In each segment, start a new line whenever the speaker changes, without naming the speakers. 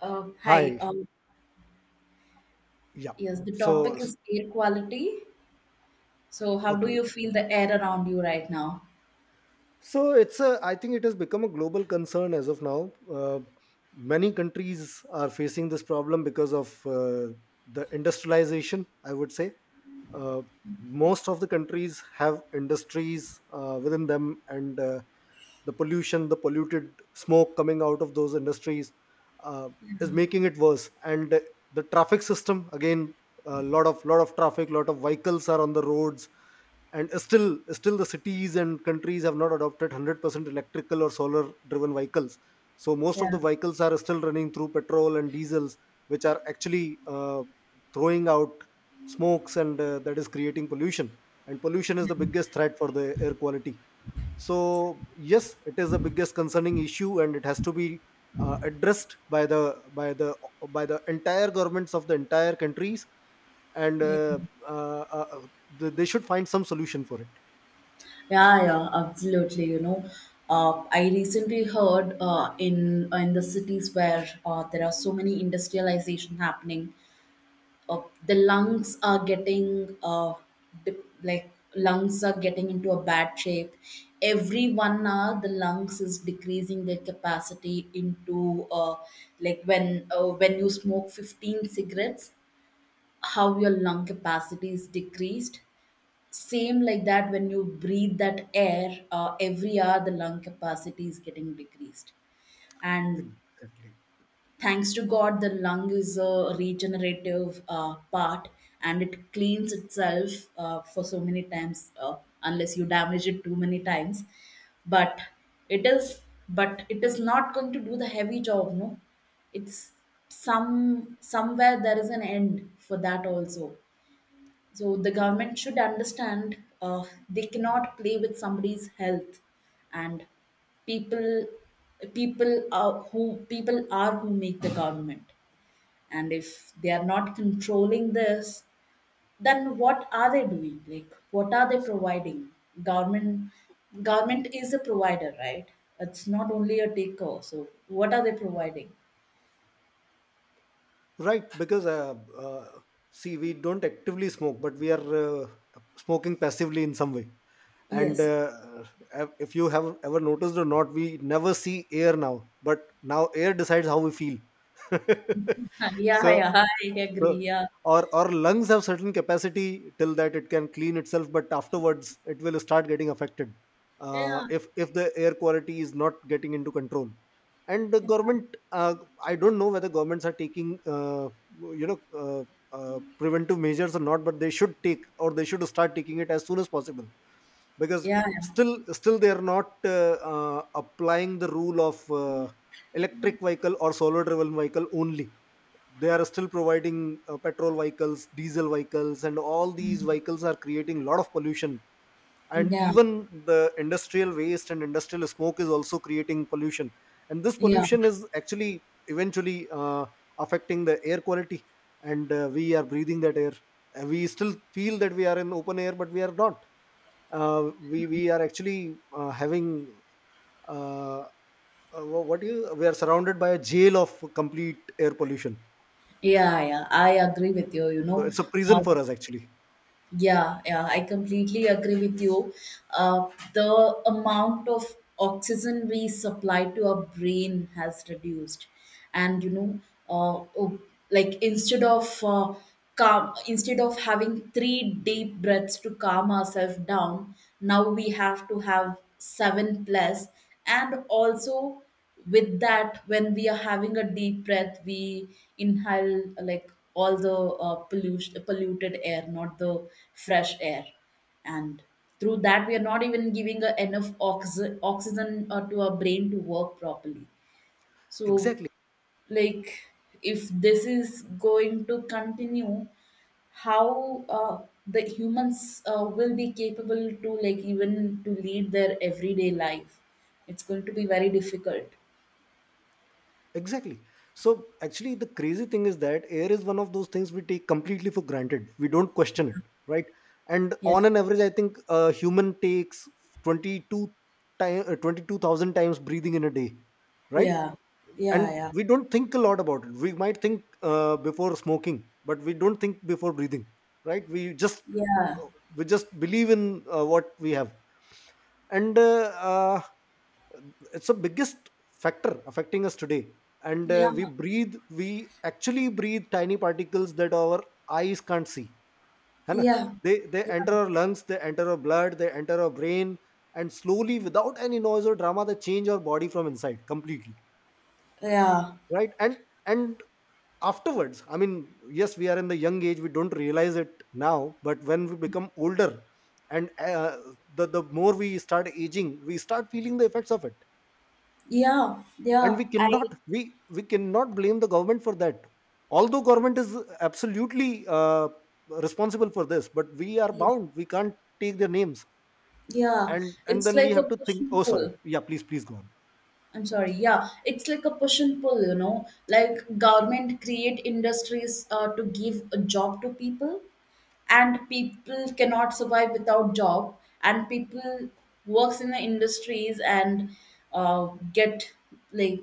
Hi.
Hi. Yeah.
Yes, the
So,
topic is air quality. So, how do
okay.
you feel the air around you right now?
So it's a, I think it has become a global concern as of now. Many countries are facing this problem because of the industrialization, I would say. Uh, Most of the countries have industries within them, and the pollution, the polluted smoke coming out of those industries uh, is making it worse. And the traffic system, again, a lot of traffic, lot of vehicles are on the roads, and still the cities and countries have not adopted 100% electrical or solar driven vehicles, so most of
Yeah.
the vehicles are still running through petrol and diesels, which are actually throwing out smokes, and that is creating pollution. And pollution is the biggest threat for the air quality. So yes, it is the biggest concerning issue, and it has to be addressed by the by the by the entire governments of the entire countries, and
Yeah,
they should find some solution for it.
yeah, absolutely. I recently heard in the cities where there are so many industrialization happening. The lungs are getting dip, like lungs are getting into a bad shape. Every 1 hour the lungs is decreasing their capacity into like when you smoke 15 cigarettes, how your lung capacity is decreased. Same like that, when you breathe that air every hour the lung capacity is getting decreased. And
Exactly.
thanks to god, the lung is a regenerative part and it cleans itself for so many times, unless you damage it too many times. But it is it is not going to do the heavy job, no. It's some somewhere there is an end for that also. So the government should understand, they cannot play with somebody's health, and people people are who make the government, and if they are not controlling this, then what are they doing? Like, what are they providing? Government government is a provider, right? It's not only a taker. So what are they providing?
Right, because see, we don't actively smoke, but we are smoking passively in some way. And
Yes.
if you have ever noticed or not, we never see air now, but now air decides how we feel.
Yeah,
so,
yeah, I
so
agree. Yeah,
our lungs have certain capacity till that it can clean itself, but afterwards it will start getting affected
yeah,
if the air quality is not getting into control. And the government, I don't know whether governments are taking, you know, uh, preventive measures or not, but they should take or they should start taking it as soon as possible, because
yeah,
still they are not applying the rule of electric vehicle or solar driven vehicle only. They are still providing petrol vehicles, diesel vehicles, and all these vehicles are creating a lot of pollution.
yeah,
And
yeah,
even the industrial waste and industrial smoke is also creating pollution, and this
yeah.
pollution is actually eventually affecting the air quality, and we are breathing that air. We still feel that we are in open air, but we are not. uh, we are actually having, uh, what do you, we are surrounded by a jail of complete air pollution.
Yeah, yeah, I agree with you.
So it's a prison
Uh,
for us, actually.
yeah, yeah, I completely agree with you. The amount of oxygen we supply to our brain has reduced, and uh, oh, instead of instead of having 3 deep breaths to calm ourselves down, now we have to have 7 plus. And also, with that, when we are having a deep breath, we inhale like all the polluted air, not the fresh air. And through that, we are not even giving enough oxygen to our brain to work properly. so
Exactly.
like if this is going to continue, how the humans will be capable to, like, even to lead their everyday life, it's going to be very difficult.
Exactly. So actually, the crazy thing is that air is one of those things we take completely for granted. We don't question it, right? And
Yes.
on an average, I think a human takes 22 time, uh, 22,000 times breathing in a day, right?
Yeah. Yeah,
And
yeah.
we don't think a lot about it. We might think before smoking, but we don't think before breathing, right?
Yeah.
Uh, we just believe in what we have. And it's the biggest factor affecting us today, and
Yeah.
we actually breathe tiny particles that our eyes can't see, hai na?
Yeah.
They enter our lungs, they enter our blood, they enter our brain, and slowly, without any noise or drama, they change our body from inside completely,
Yeah.
right. And afterwards, I mean, yes, we are in the young age, we don't realize it now, but when we become older, and the more we start aging, we start feeling the effects of it.
Yeah.
And
Yeah. I.
we cannot blame the government for that, although government is absolutely responsible for this, but we are bound, we can't take their names.
Yeah.
And
It's
then we
like a
have to
push
think, oh,
and
sorry,
pull.
yeah, please go on.
I'm sorry. Yeah. It's like a push and pull, you know. Like, government create industries to give a job to people, and people cannot survive without job. And people works in the industries and uh, get, like,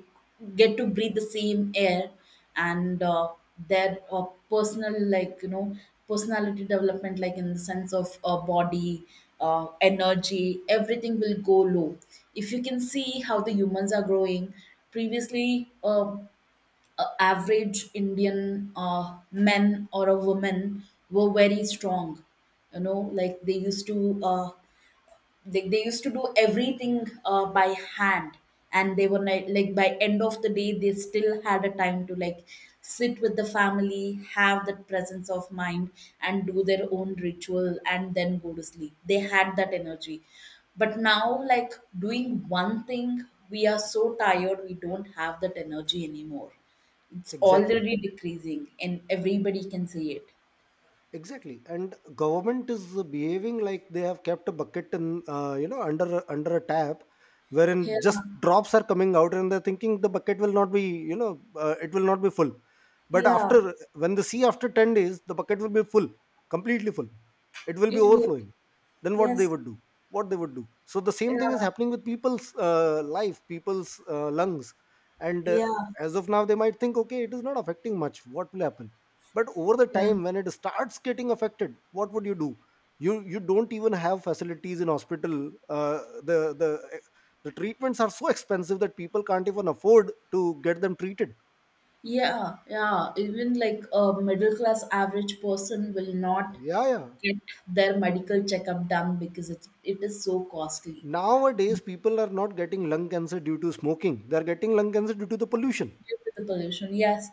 get to breathe the same air. And their personal, like, personality development, like, in the sense of body, energy, everything will go low. If you can see how the humans are growing, previously average Indian men or a woman were very strong. You know, like, they used to they used to do everything by hand. And they were like, by end of the day they still had a time to, like, sit with the family, have that presence of mind and do their own ritual and then go to sleep. They had that energy. But now, like, doing one thing we are so tired, we don't have that energy anymore. It's
Exactly.
already decreasing and everybody can see it.
Exactly. And government is behaving like they have kept a bucket in, under under a tap, wherein
Yeah.
just drops are coming out, and they're thinking the bucket will not be, it will not be full. But
Yeah.
after, when the sea, after 10 days the bucket will be full, completely full, it will be
It will.
overflowing. Then what they
Yes.
would do, what they would do? So the same
Yeah.
thing is happening with people's life, people's lungs. And
Yeah.
as of now they might think, okay, it is not affecting much, what will happen? But over the
Yeah,
time when it starts getting affected, what would you do? You don't even have facilities in hospital. Uh, the the eh, the treatments are so expensive that people can't even afford to get them treated.
yeah, yeah. Even like a middle class average person will not
Yeah, yeah.
get their medical checkup done because it is so costly.
Nowadays people are not getting lung cancer due to smoking, they are getting lung cancer due to the pollution.
Due to the pollution. Yes,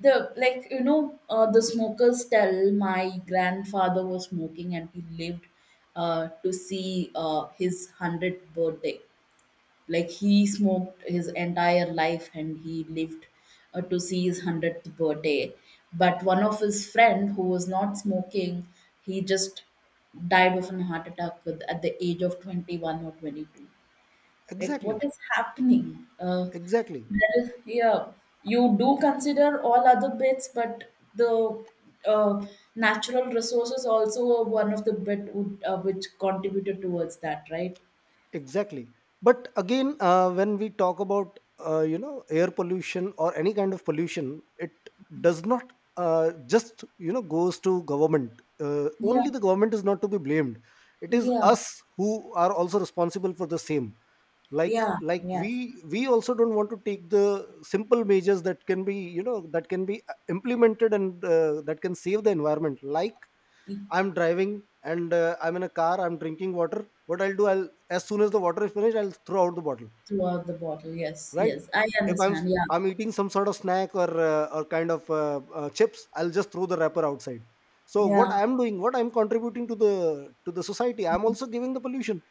the like you know the smokers tell, my grandfather was smoking and he lived to see his 100th birthday. Like, he smoked his entire life and he lived to see his 100th birthday. But one of his friend who was not smoking, he just died of a heart attack with at the age of 21 or 22. Like,
Exactly.
what is happening,
Exactly.
there is. Yeah, you do consider all other bits, but the uh, natural resources also were one of the bit would, which contributed towards that, right?
Exactly. But again, when we talk about air pollution or any kind of pollution, it does not just goes to government.
Yeah.
Only the government is not to be blamed. It is
Yeah.
us who are also responsible for the same. Like
Yeah,
like
yes.
we also don't want to take the simple measures that can be, that can be implemented, and that can save the environment. Like, I'm driving and I'm in a car, I'm drinking water. What I'll do, I'll, as soon as the water is finished, I'll throw out the bottle,
Throughout the bottle. Yes,
right?
yes, I
If I'm s-
understand. Yeah.
I'm eating some sort of snack or kind of chips, I'll just throw the wrapper outside. So what
Yeah.
I'm doing, what I'm contributing to the society, I'm also giving the pollution.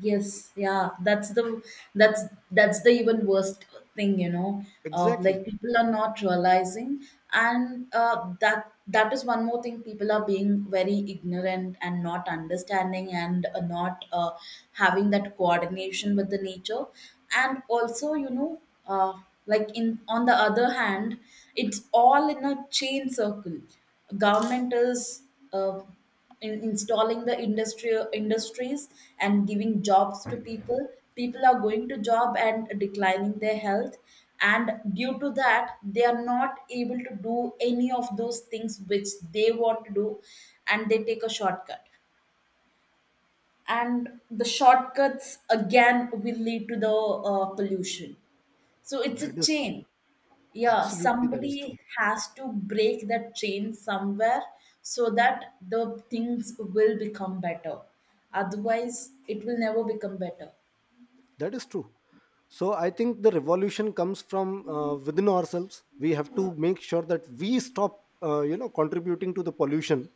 Yes, yeah, that's that's the even worst thing, you know.
Exactly.
Like people are not realizing, and that is one more thing. People are being very ignorant and not understanding, and not having that coordination with the nature. And also, you know, uh, like, in on the other hand, it's all in a chain circle. Government is uh, in installing the industrial industries and giving jobs to people. People are going to job and declining their health, and due to that they are not able to do any of those things which they want to do, and they take a shortcut. And the shortcuts again will lead to the pollution. So it's a
That is
chain. Yeah,
absolutely, that is
somebody
true.
has to break that chain somewhere, so that the things will become better. Otherwise it will never become better.
That is true. So I think the revolution comes from within ourselves. We have to make sure that we stop, contributing to the pollution,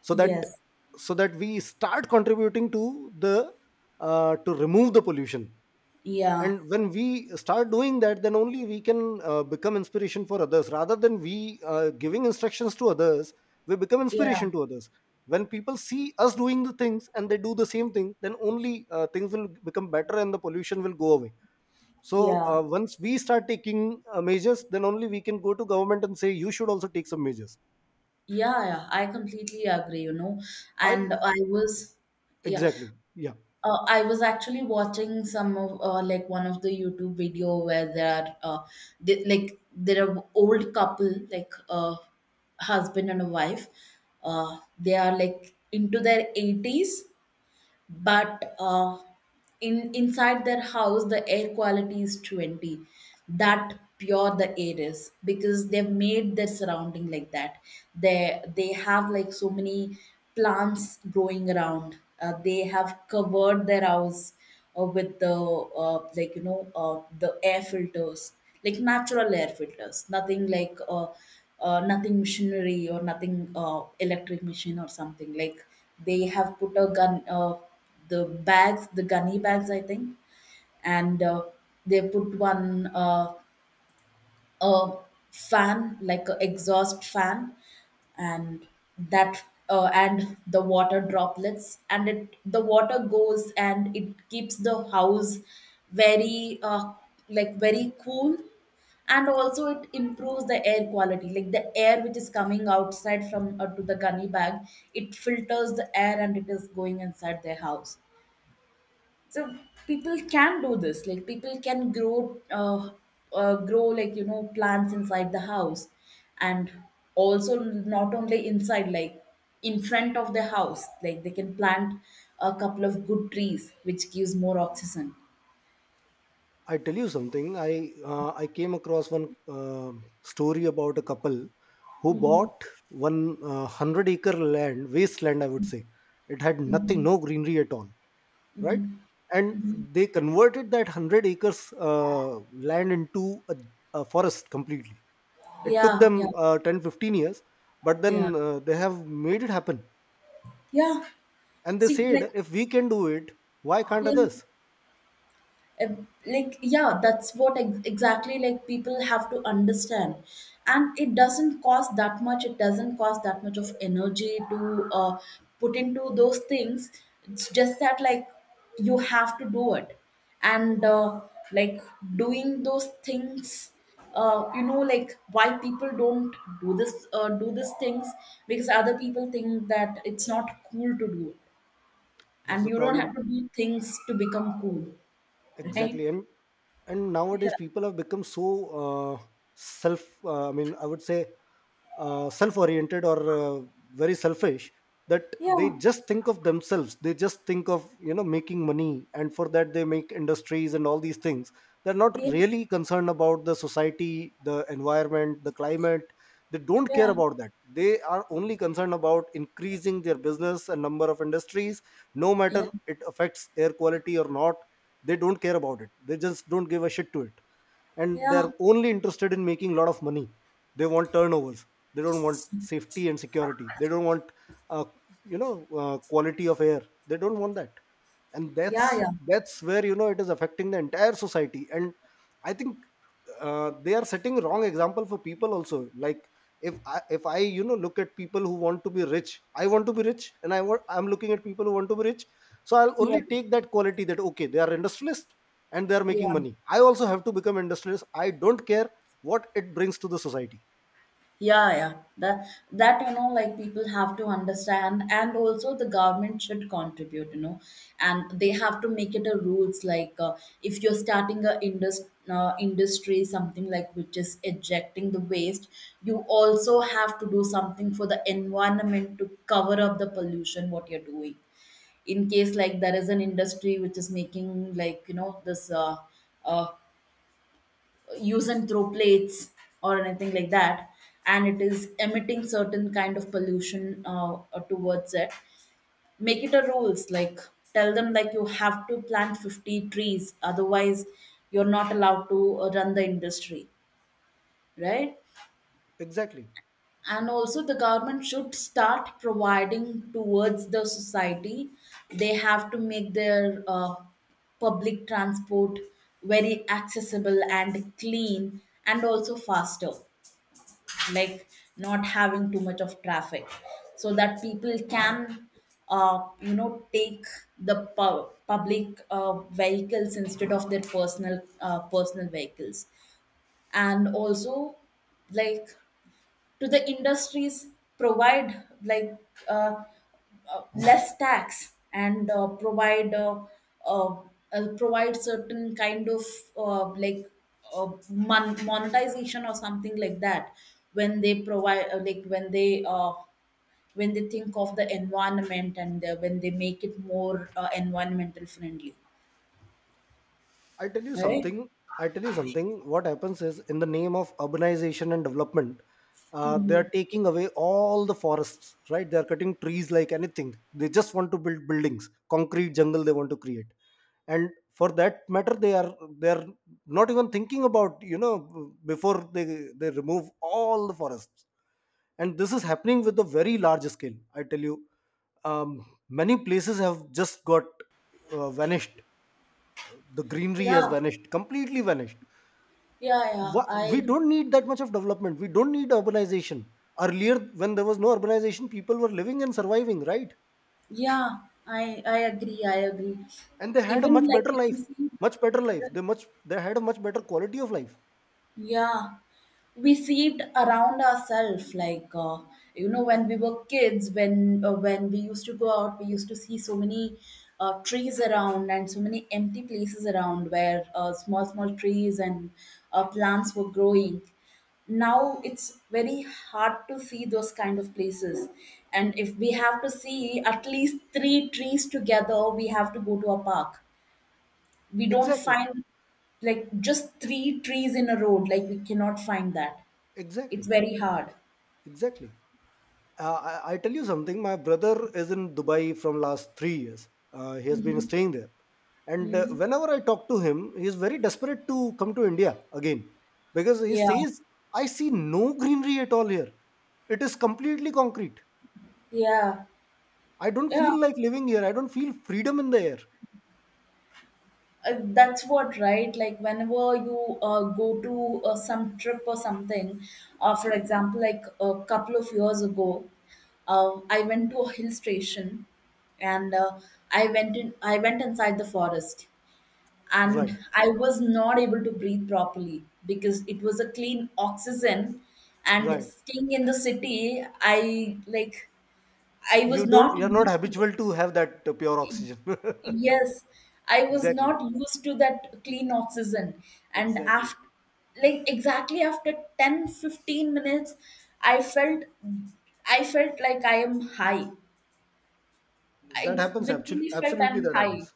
so that
Yes.
so that we start contributing to the to remove the pollution.
Yeah.
And when we start doing that, then only we can become inspiration for others. Rather than we giving instructions to others, we become
Yeah.
inspiration to others. When people see us doing the things and they do the same thing, then only things will become better and the pollution will go away. So
Yeah.
once we start taking measures, then only we can go to government and say you should also take some measures.
Yeah, I completely agree, you know.
I,
And I was. Yeah.
exactly, yeah.
I was actually watching some of like one of the YouTube video where there are like, there are old couple, like, husband and a wife. They are like into their 80s, but in inside their house the air quality is 20. That pure the air is, because they've made their surrounding like that. They have, like, so many plants growing around. Uh, they have covered their house with the, the air filters, like natural air filters, nothing like nothing machinery or nothing electric machine or something like. They have put a gun, the bags, the gunny bags, I think, and they put one. A fan, like a exhaust fan. And that, and the water droplets, and it, the water goes and it keeps the house very, like, very cool. And also it improves the air quality, like, the air which is coming outside from to the gunny bag, it filters the air and it is going inside their house. So people can do this, like, people can grow grow, like, you know, plants inside the house. And also, not only inside, like, in front of the house, like, they can plant a couple of good trees which gives more oxygen.
I tell you something. I came across one story about a couple who
Hmm.
bought one hundred-acre land, wasteland. I would say it had nothing,
Hmm.
no greenery at all, right?
Hmm.
And
Hmm.
they converted that hundred acres land into a forest completely. It took
Yeah. Yeah.
them 10, 15 years, but
Yeah.
then they have made it happen,
Yeah.
and they
See, like.
said, if we can do it, why can't
Yeah.
others?
Like, yeah, that's what exactly, like, people have to understand. And it doesn't cost that much, it doesn't cost that much of energy to put into those things. It's just that, like, you have to do it. And like, doing those things, like, why people don't do this do these things? Because other people think that it's not cool to do it.
That's
And
the
you don't
problem.
have to do things to become cool. Right.
Exactly. And
Yeah.
nowadays people have become so uh, self, I mean, I would say self-oriented, or very selfish, that they
Yeah,
just think of themselves, they just think of, making money, and for that they make industries and all these things. They're not
yeah,
really concerned about the society, the environment, the climate. They don't care
yeah,
about that, they are only concerned about increasing their business and number of industries, no matter
yeah,
it affects air quality or not. They don't care about it, they just don't give a shit to it, and
yeah, yeah,
they're only interested in making a lot of money. They want turnovers, they don't want safety and security, they don't want uh, you know quality of air, they don't want that. And
yeah,
that's where, it is affecting the entire society. And I think they are setting wrong example for people also. Like, if I, look at people who want to be rich, I want to be rich, and I'm looking at people who want to be rich. So I'll
yeah,
only take that quality that, okay, they are industrialist and they are making
yeah,
money, I also have to become industrialist, I don't care what it brings to the society.
yeah, yeah. That you know, like, people have to understand, and also the government should contribute, you know. And they have to make it a rules, like, if you're starting a industry, something like which is ejecting the waste, you also have to do something for the environment to cover up the pollution what you're doing. In case, like, there is an industry which is making, like, you know, this uh, use and throw plates or anything like that, and it is emitting certain kind of pollution towards it. Make it a rules, like, tell them, like, you have to plant 50 trees, otherwise you're not allowed to run the industry, right?
Exactly.
And also the government should start providing towards the society. They have to make their public transport very accessible and clean, and also faster. Like, not having too much of traffic, so that people can take the public vehicles instead of their personal vehicles. And also, like, to the industries, provide, like, uh, less tax, and provide, uh, provide certain kind of, like, monetization or something like that. When they provide, when they think of the environment, and when they make it more environmental friendly.
I tell you
Right.
something. I tell you something. What happens is, in the name of urbanization and development, they are taking away all the forests. Right? They are cutting trees like anything. They just want to build buildings, concrete jungle. They want to create, and for that matter, they are not even thinking about, before they remove all the forests. And this is happening with a very large scale. I tell you, many places have just got vanished. The greenery has
yeah
vanished, completely vanished.
yeah yeah
We
i
don't need that much of development, we don't need urbanization. Earlier, when there was no urbanization, people were living and surviving, right?
Yeah, I agree, I agree.
And they had a
Even
much
like
better
we can
life,
see.
much better life, they had a much better quality of life.
Yeah, we see it around ourselves. Like, you know, when we were kids, when we used to go out, we used to see so many trees around and so many empty places around where small small trees and plants were growing. Now it's very hard to see those kind of places, and if we have to see at least three trees together, we have to go to a park. We don't
Exactly.
find like just three trees in a road. Like we cannot find that. It's
Exactly.
very hard.
Exactly. I tell you something. My brother is in Dubai from last 3 years. He has been
Hmm.
staying there, and
Hmm.
whenever I talk to him, he is very desperate to come to India again because he
Yeah,
says, "I see no greenery at all here. It is completely concrete.
yeah,
I don't
yeah.
feel like living here. I don't feel freedom in the air."
That's what, right? Like whenever you go to some trip or something, for example like a couple of years ago, I went to a hill station, and I went inside the forest, and
Right,
I was not able to breathe properly because it was a clean oxygen, and
right.
staying in the city, I like I was
You don't.
not
You're not
used to
habitual to have that pure
it.
oxygen.
Yes, I was
Exactly,
not used to that clean oxygen, and
exactly.
after like exactly after 10-15 minutes, I felt I felt like I am high.
That
I
happens. Actually,
literally felt
absolutely,
I'm
that
high.
happens.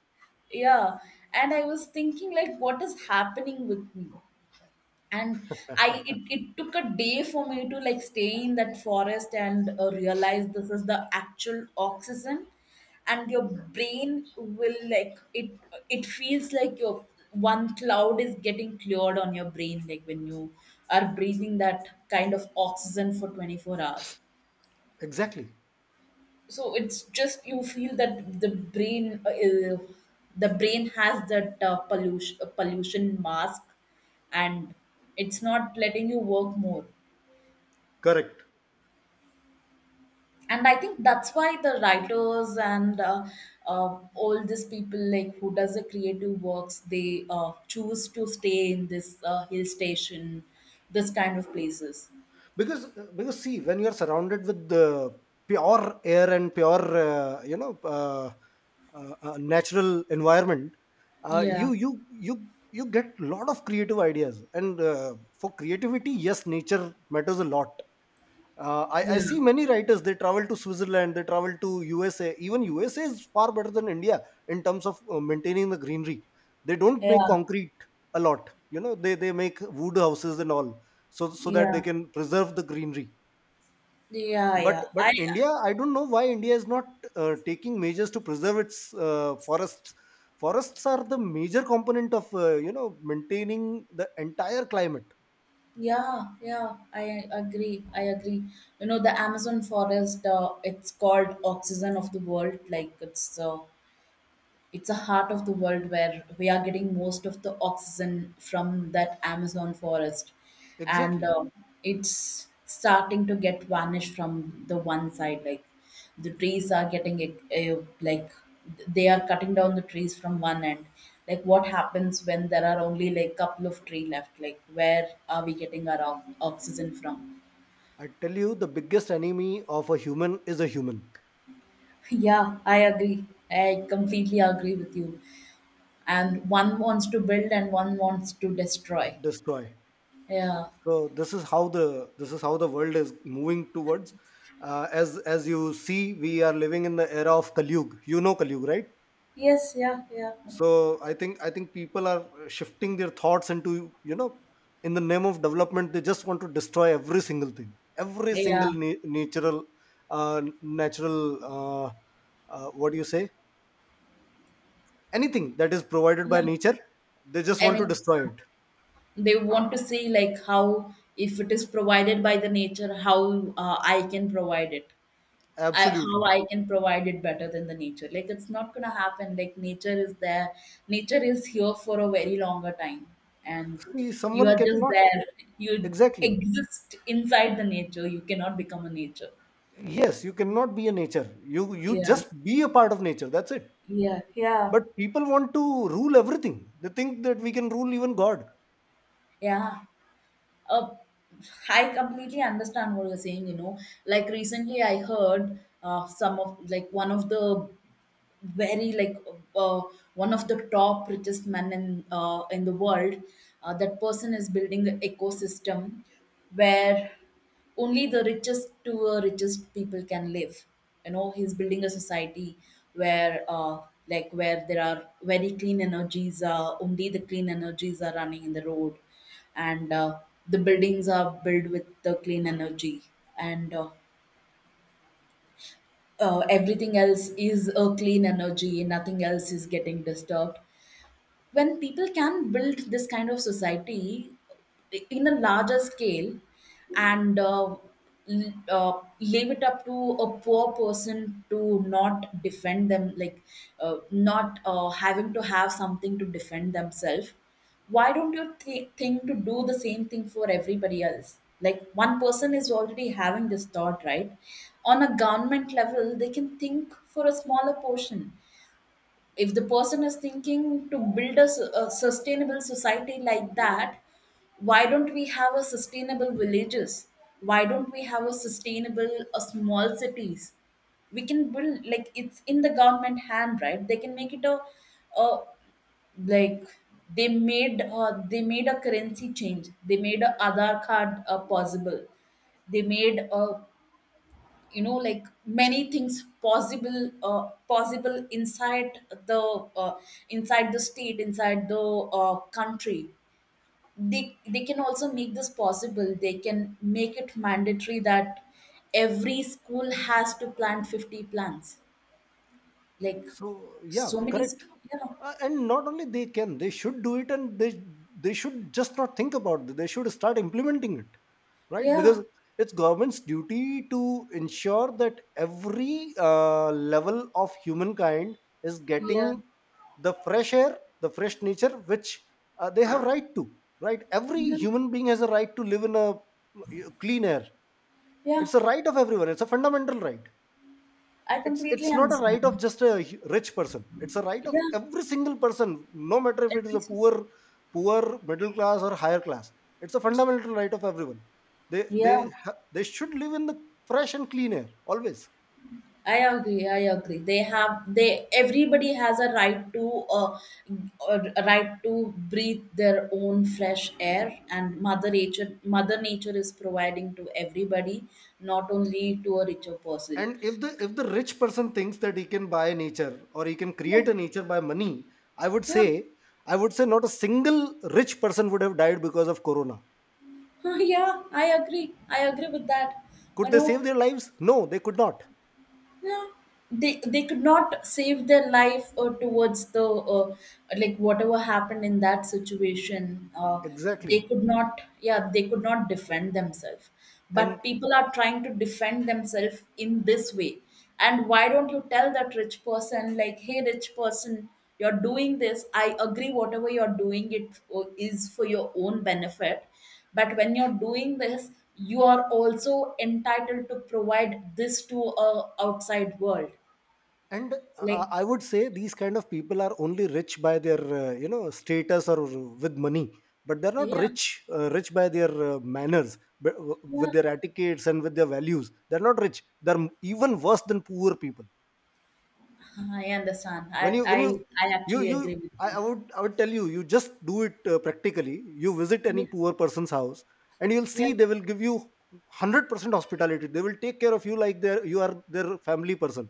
Yeah. And I was thinking like what is happening with me? And it took a day for me to like stay in that forest and realize this is the actual oxygen, and your brain will like it. It feels like your one cloud is getting cleared on your brain like when you are breathing that kind of oxygen for 24 hours.
Exactly.
So it's just you feel that the brain has that pollution mask, and it's not letting you work more.
Correct.
And I think that's why the writers and all these people like who does the creative works, they choose to stay in this hill station, this kind of places.
because because see when you are surrounded with the pure air and pure natural environment, uh,
Yeah,
you you you you get lot of creative ideas, and for creativity, yes, nature matters a lot. I
yeah,
see many writers, they travel to Switzerland, they travel to USA. Even USA is far better than India in terms of maintaining the greenery. They don't make
yeah,
concrete a lot, you know, they make wood houses and all, so that they
yeah,
can preserve the greenery.
yeah,
but
yeah.
but
I
India, I don't know why India is not taking measures to preserve its forests. Forests are the major component of you know, maintaining the entire climate.
Yeah, yeah, I agree. I agree. You know, the Amazon forest, it's called oxygen of the world. Like it's a heart of the world where we are getting most of the oxygen from that Amazon forest, and
Exactly.
it's starting to get vanished from the one side. Like the trees are getting like they are cutting down the trees from one end. Like what happens when there are only like couple of tree left? Like where are we getting our oxygen from?
I tell you, the biggest enemy of a human is a human.
Yeah, I agree. I completely agree with you. And one wants to build and one wants to destroy.
Destroy.
Yeah.
So this is how the world is moving towards. As you see, we are living in the era of Kaliyug, you know, Kaliyug, right?
Yes, yeah, yeah.
So I think people are shifting their thoughts into, you know, in the name of development, they just want to destroy every single thing, every
Yeah,
single natural uh, natural uh, what do you say, anything that is provided by
yeah.
nature, they just
I
want to
mean,
destroy it.
they want to see like how if it is provided by the nature, how I can provide it. How
Absolutely.
I can provide it better than the nature. Like it's not gonna happen. Like nature is there. Nature is here for a very longer time, and
See,
you
someone
are just
cannot,
there. You
exactly.
exist inside the nature. You cannot become a nature.
Yes, you cannot be a nature, you
Yeah,
just be a part of nature, that's it.
yeah, yeah,
But people want to rule everything. They think that we can rule even god.
yeah. uh, I completely understand what you're saying, you know. Like recently I heard some of like one of the very like uh, one of the top richest men in the world. That person is building an ecosystem where only the richest to the richest people can live. You know, he's building a society where like where there are very clean energies, only the clean energies are running in the road, and the buildings are built with the clean energy, and everything else is a clean energy, nothing else is getting disturbed. When people can build this kind of society in a larger scale, and leave it up to a poor person to not defend them, like not having to have something to defend themselves. Why don't you think to do the same thing for everybody else? Like one person is already having this thought, right? On a government level they can think for a smaller portion. If the person is thinking to build a sustainable society like that, why don't we have a sustainable villages? Why don't we have a sustainable a small cities? We can build. Like it's in the government hand, right? They can make it a like they made a currency change. They made a Aadhaar card possible. They made a, you know, like many things possible, possible the uh, inside the state, inside the country. They can also make this possible. They can make it mandatory that every school has to plant 50 plants. Like
So yeah,
so many
correct.
yeah,
And not only they can, they should do it, and they should just not think about it. They should start implementing it, right?
yeah,
Because it's government's duty to ensure that every level of humankind is
yeah,
getting the fresh air, the fresh nature, which they have right to. Right, every
yeah,
human being has a right to live in a clean air.
yeah.
It's a right of everyone. It's a fundamental right.
I
It's
completely
not a right of
understand.
just a rich person, it's a right of
Yeah.
every single person, no matter if it is
Every
a poor, poor, middle class or higher class. It's a fundamental right of everyone. they they
yeah.
they should live in the fresh and clean air always.
I agree. I agree. They everybody has a right to breathe their own fresh air, and Mother Nature is providing to everybody, not only to a richer person.
And if the rich person thinks that he can buy nature or he can
Yeah,
create a nature by money, i would
yeah,
say I would say not a single rich person would have died because of corona.
yeah. I agree. I agree with that.
Could
You
they
know,
save their lives? No, they could not.
yeah, they could not save their life towards the like whatever happened in that situation.
Exactly.
They could not, yeah, they could not defend themselves.
And
But people are trying to defend themselves in this way. And why don't you tell that rich person, like, hey rich person, you're doing this, I agree, whatever you're doing it is for your own benefit, but when you're doing this, you are also entitled to provide this to a outside world. Like.
I would say these kind of people are only rich by their you know, status or with money, but they're not
Yeah,
rich, rich by their manners, but
yeah.
with their etiquettes and with their values. They're not rich. They're even worse than poor people.
I understand.
When
I,
you
I
you
actually
you
agree with
I
you.
would, I would tell you, you just do it practically. You visit
Yeah,
any poor person's house and you'll
yeah,
see they will give you 100% hospitality. They will take care of you like they, you are their family person.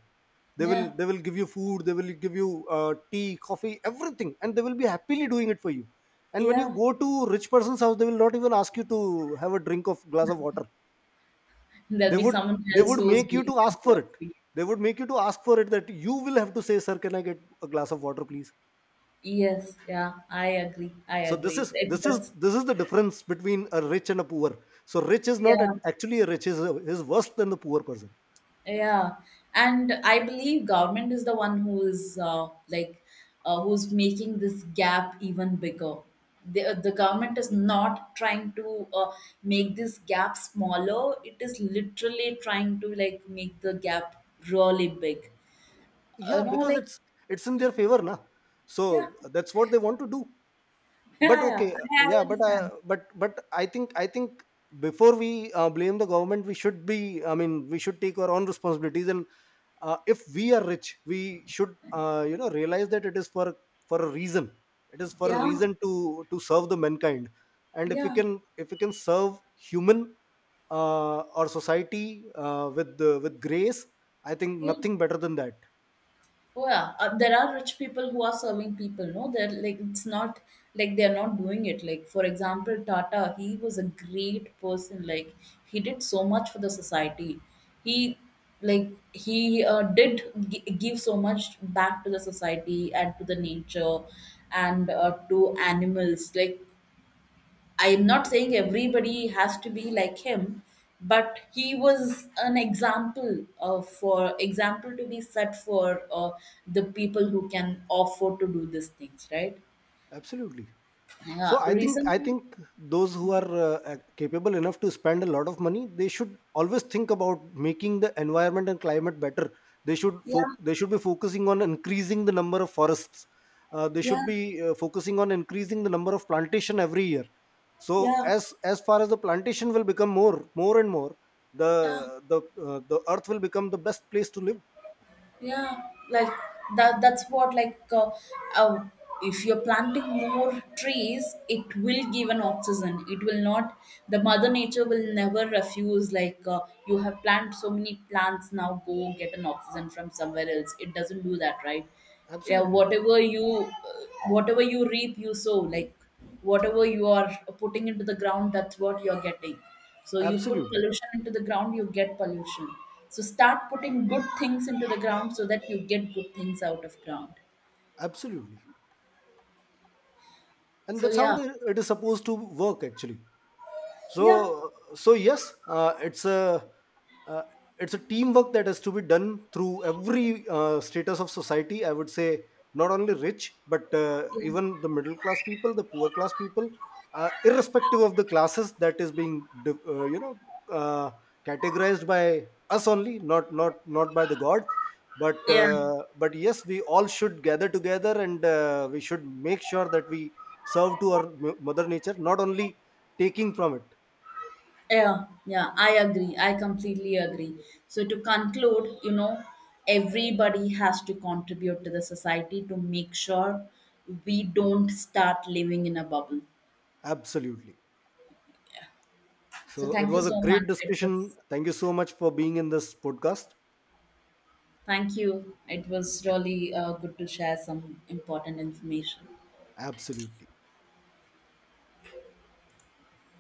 They will
yeah,
they will give you food, they will give you tea, coffee, everything, and they will be happily doing it for you. And when you
yeah.
go to rich person's house, they will not even ask you to have a drink of glass of water.
There'll
they
be
would
someone
they
else
would
who's
make you
doing
to ask
that
for
work
it.
for you.
They would make you to ask for it, that you will have to say, "Sir, can I get a glass of water please?"
Yes, yeah. I agree. I
So this
agree
is this is
that's.
this is the difference between a rich and a poor. So rich is not
Yeah.
at, actually a rich is worse than the poor person.
Yeah, and I believe government is the one who is like who's making this gap even bigger. The government is not trying to make this gap smaller. It is literally trying to like make the gap really big. You
Yeah,
know,
because
like.
it's in their favor na, so
Yeah,
that's what they want to do. But
yeah, yeah.
okay,
I
yeah,
I
but uh,
understand.
but but i think i think before we blame the government, we should be, I mean, we should take our own responsibilities and if we are rich, we should you know, realize that it is for a reason. It is for a
Yeah,
reason to serve the mankind. And if we
yeah,
can, if we can serve human or society with grace, I think
yeah.
nothing better than that.
Oh yeah, there are rich people who are serving people. No, they're like it's not like they're not doing it. Like for example, Tata, he was a great person. Like he did so much for the society. He give so much back to the society and to the nature and to animals. Like I am not saying everybody has to be like him, but he was an example for example to be set for the people who can afford to do these things, right?
Absolutely. So
Yeah,
I think I
recently,
think those who are capable enough to spend a lot of money, they should always think about making the environment and climate better. They should
yeah,
they should be focusing on increasing the number of forests. They should
yeah,
be focusing on increasing the number of plantation every year. So
yeah,
as far as the plantation will become more, more and more, the
yeah.
the uh, the earth will become the best place to live.
Yeah, like that's what like uh, if you're planting more trees, it will give an oxygen, it will not. The mother nature will never refuse. Like you have planted so many plants, now go get an oxygen from somewhere else. It doesn't do that, right? Yeah.
Absolutely.
Whatever you reap you sow. Like whatever you are putting into the ground, that's what you're getting. So you put
Absolutely.
pollution into the ground, you get pollution. So start putting good things into the ground so that you get good things out of ground.
Absolutely. And
So
that's how
yeah,
it is supposed to work actually. so
yeah,
so yes, uh, it's a teamwork that has to be done through every status of society, I would say. Not only rich, but
yeah,
even the middle class people, the poor class people, irrespective of the classes that is being you know, uh, categorized by us only, not by the god. But
yeah,
but yes, we all should gather together, and we should make sure that we serve to our mother nature, not only taking from it.
yeah, yeah. I agree. I completely agree. So to conclude, you know, everybody has to contribute to the society to make sure we don't start living in a bubble.
Absolutely.
So
So it
thank you
was a
so
great
much, it
discussion.
was.
Thank you so much for being in this podcast.
Thank you. It was
Yeah,
really good to share some important information.
absolutely.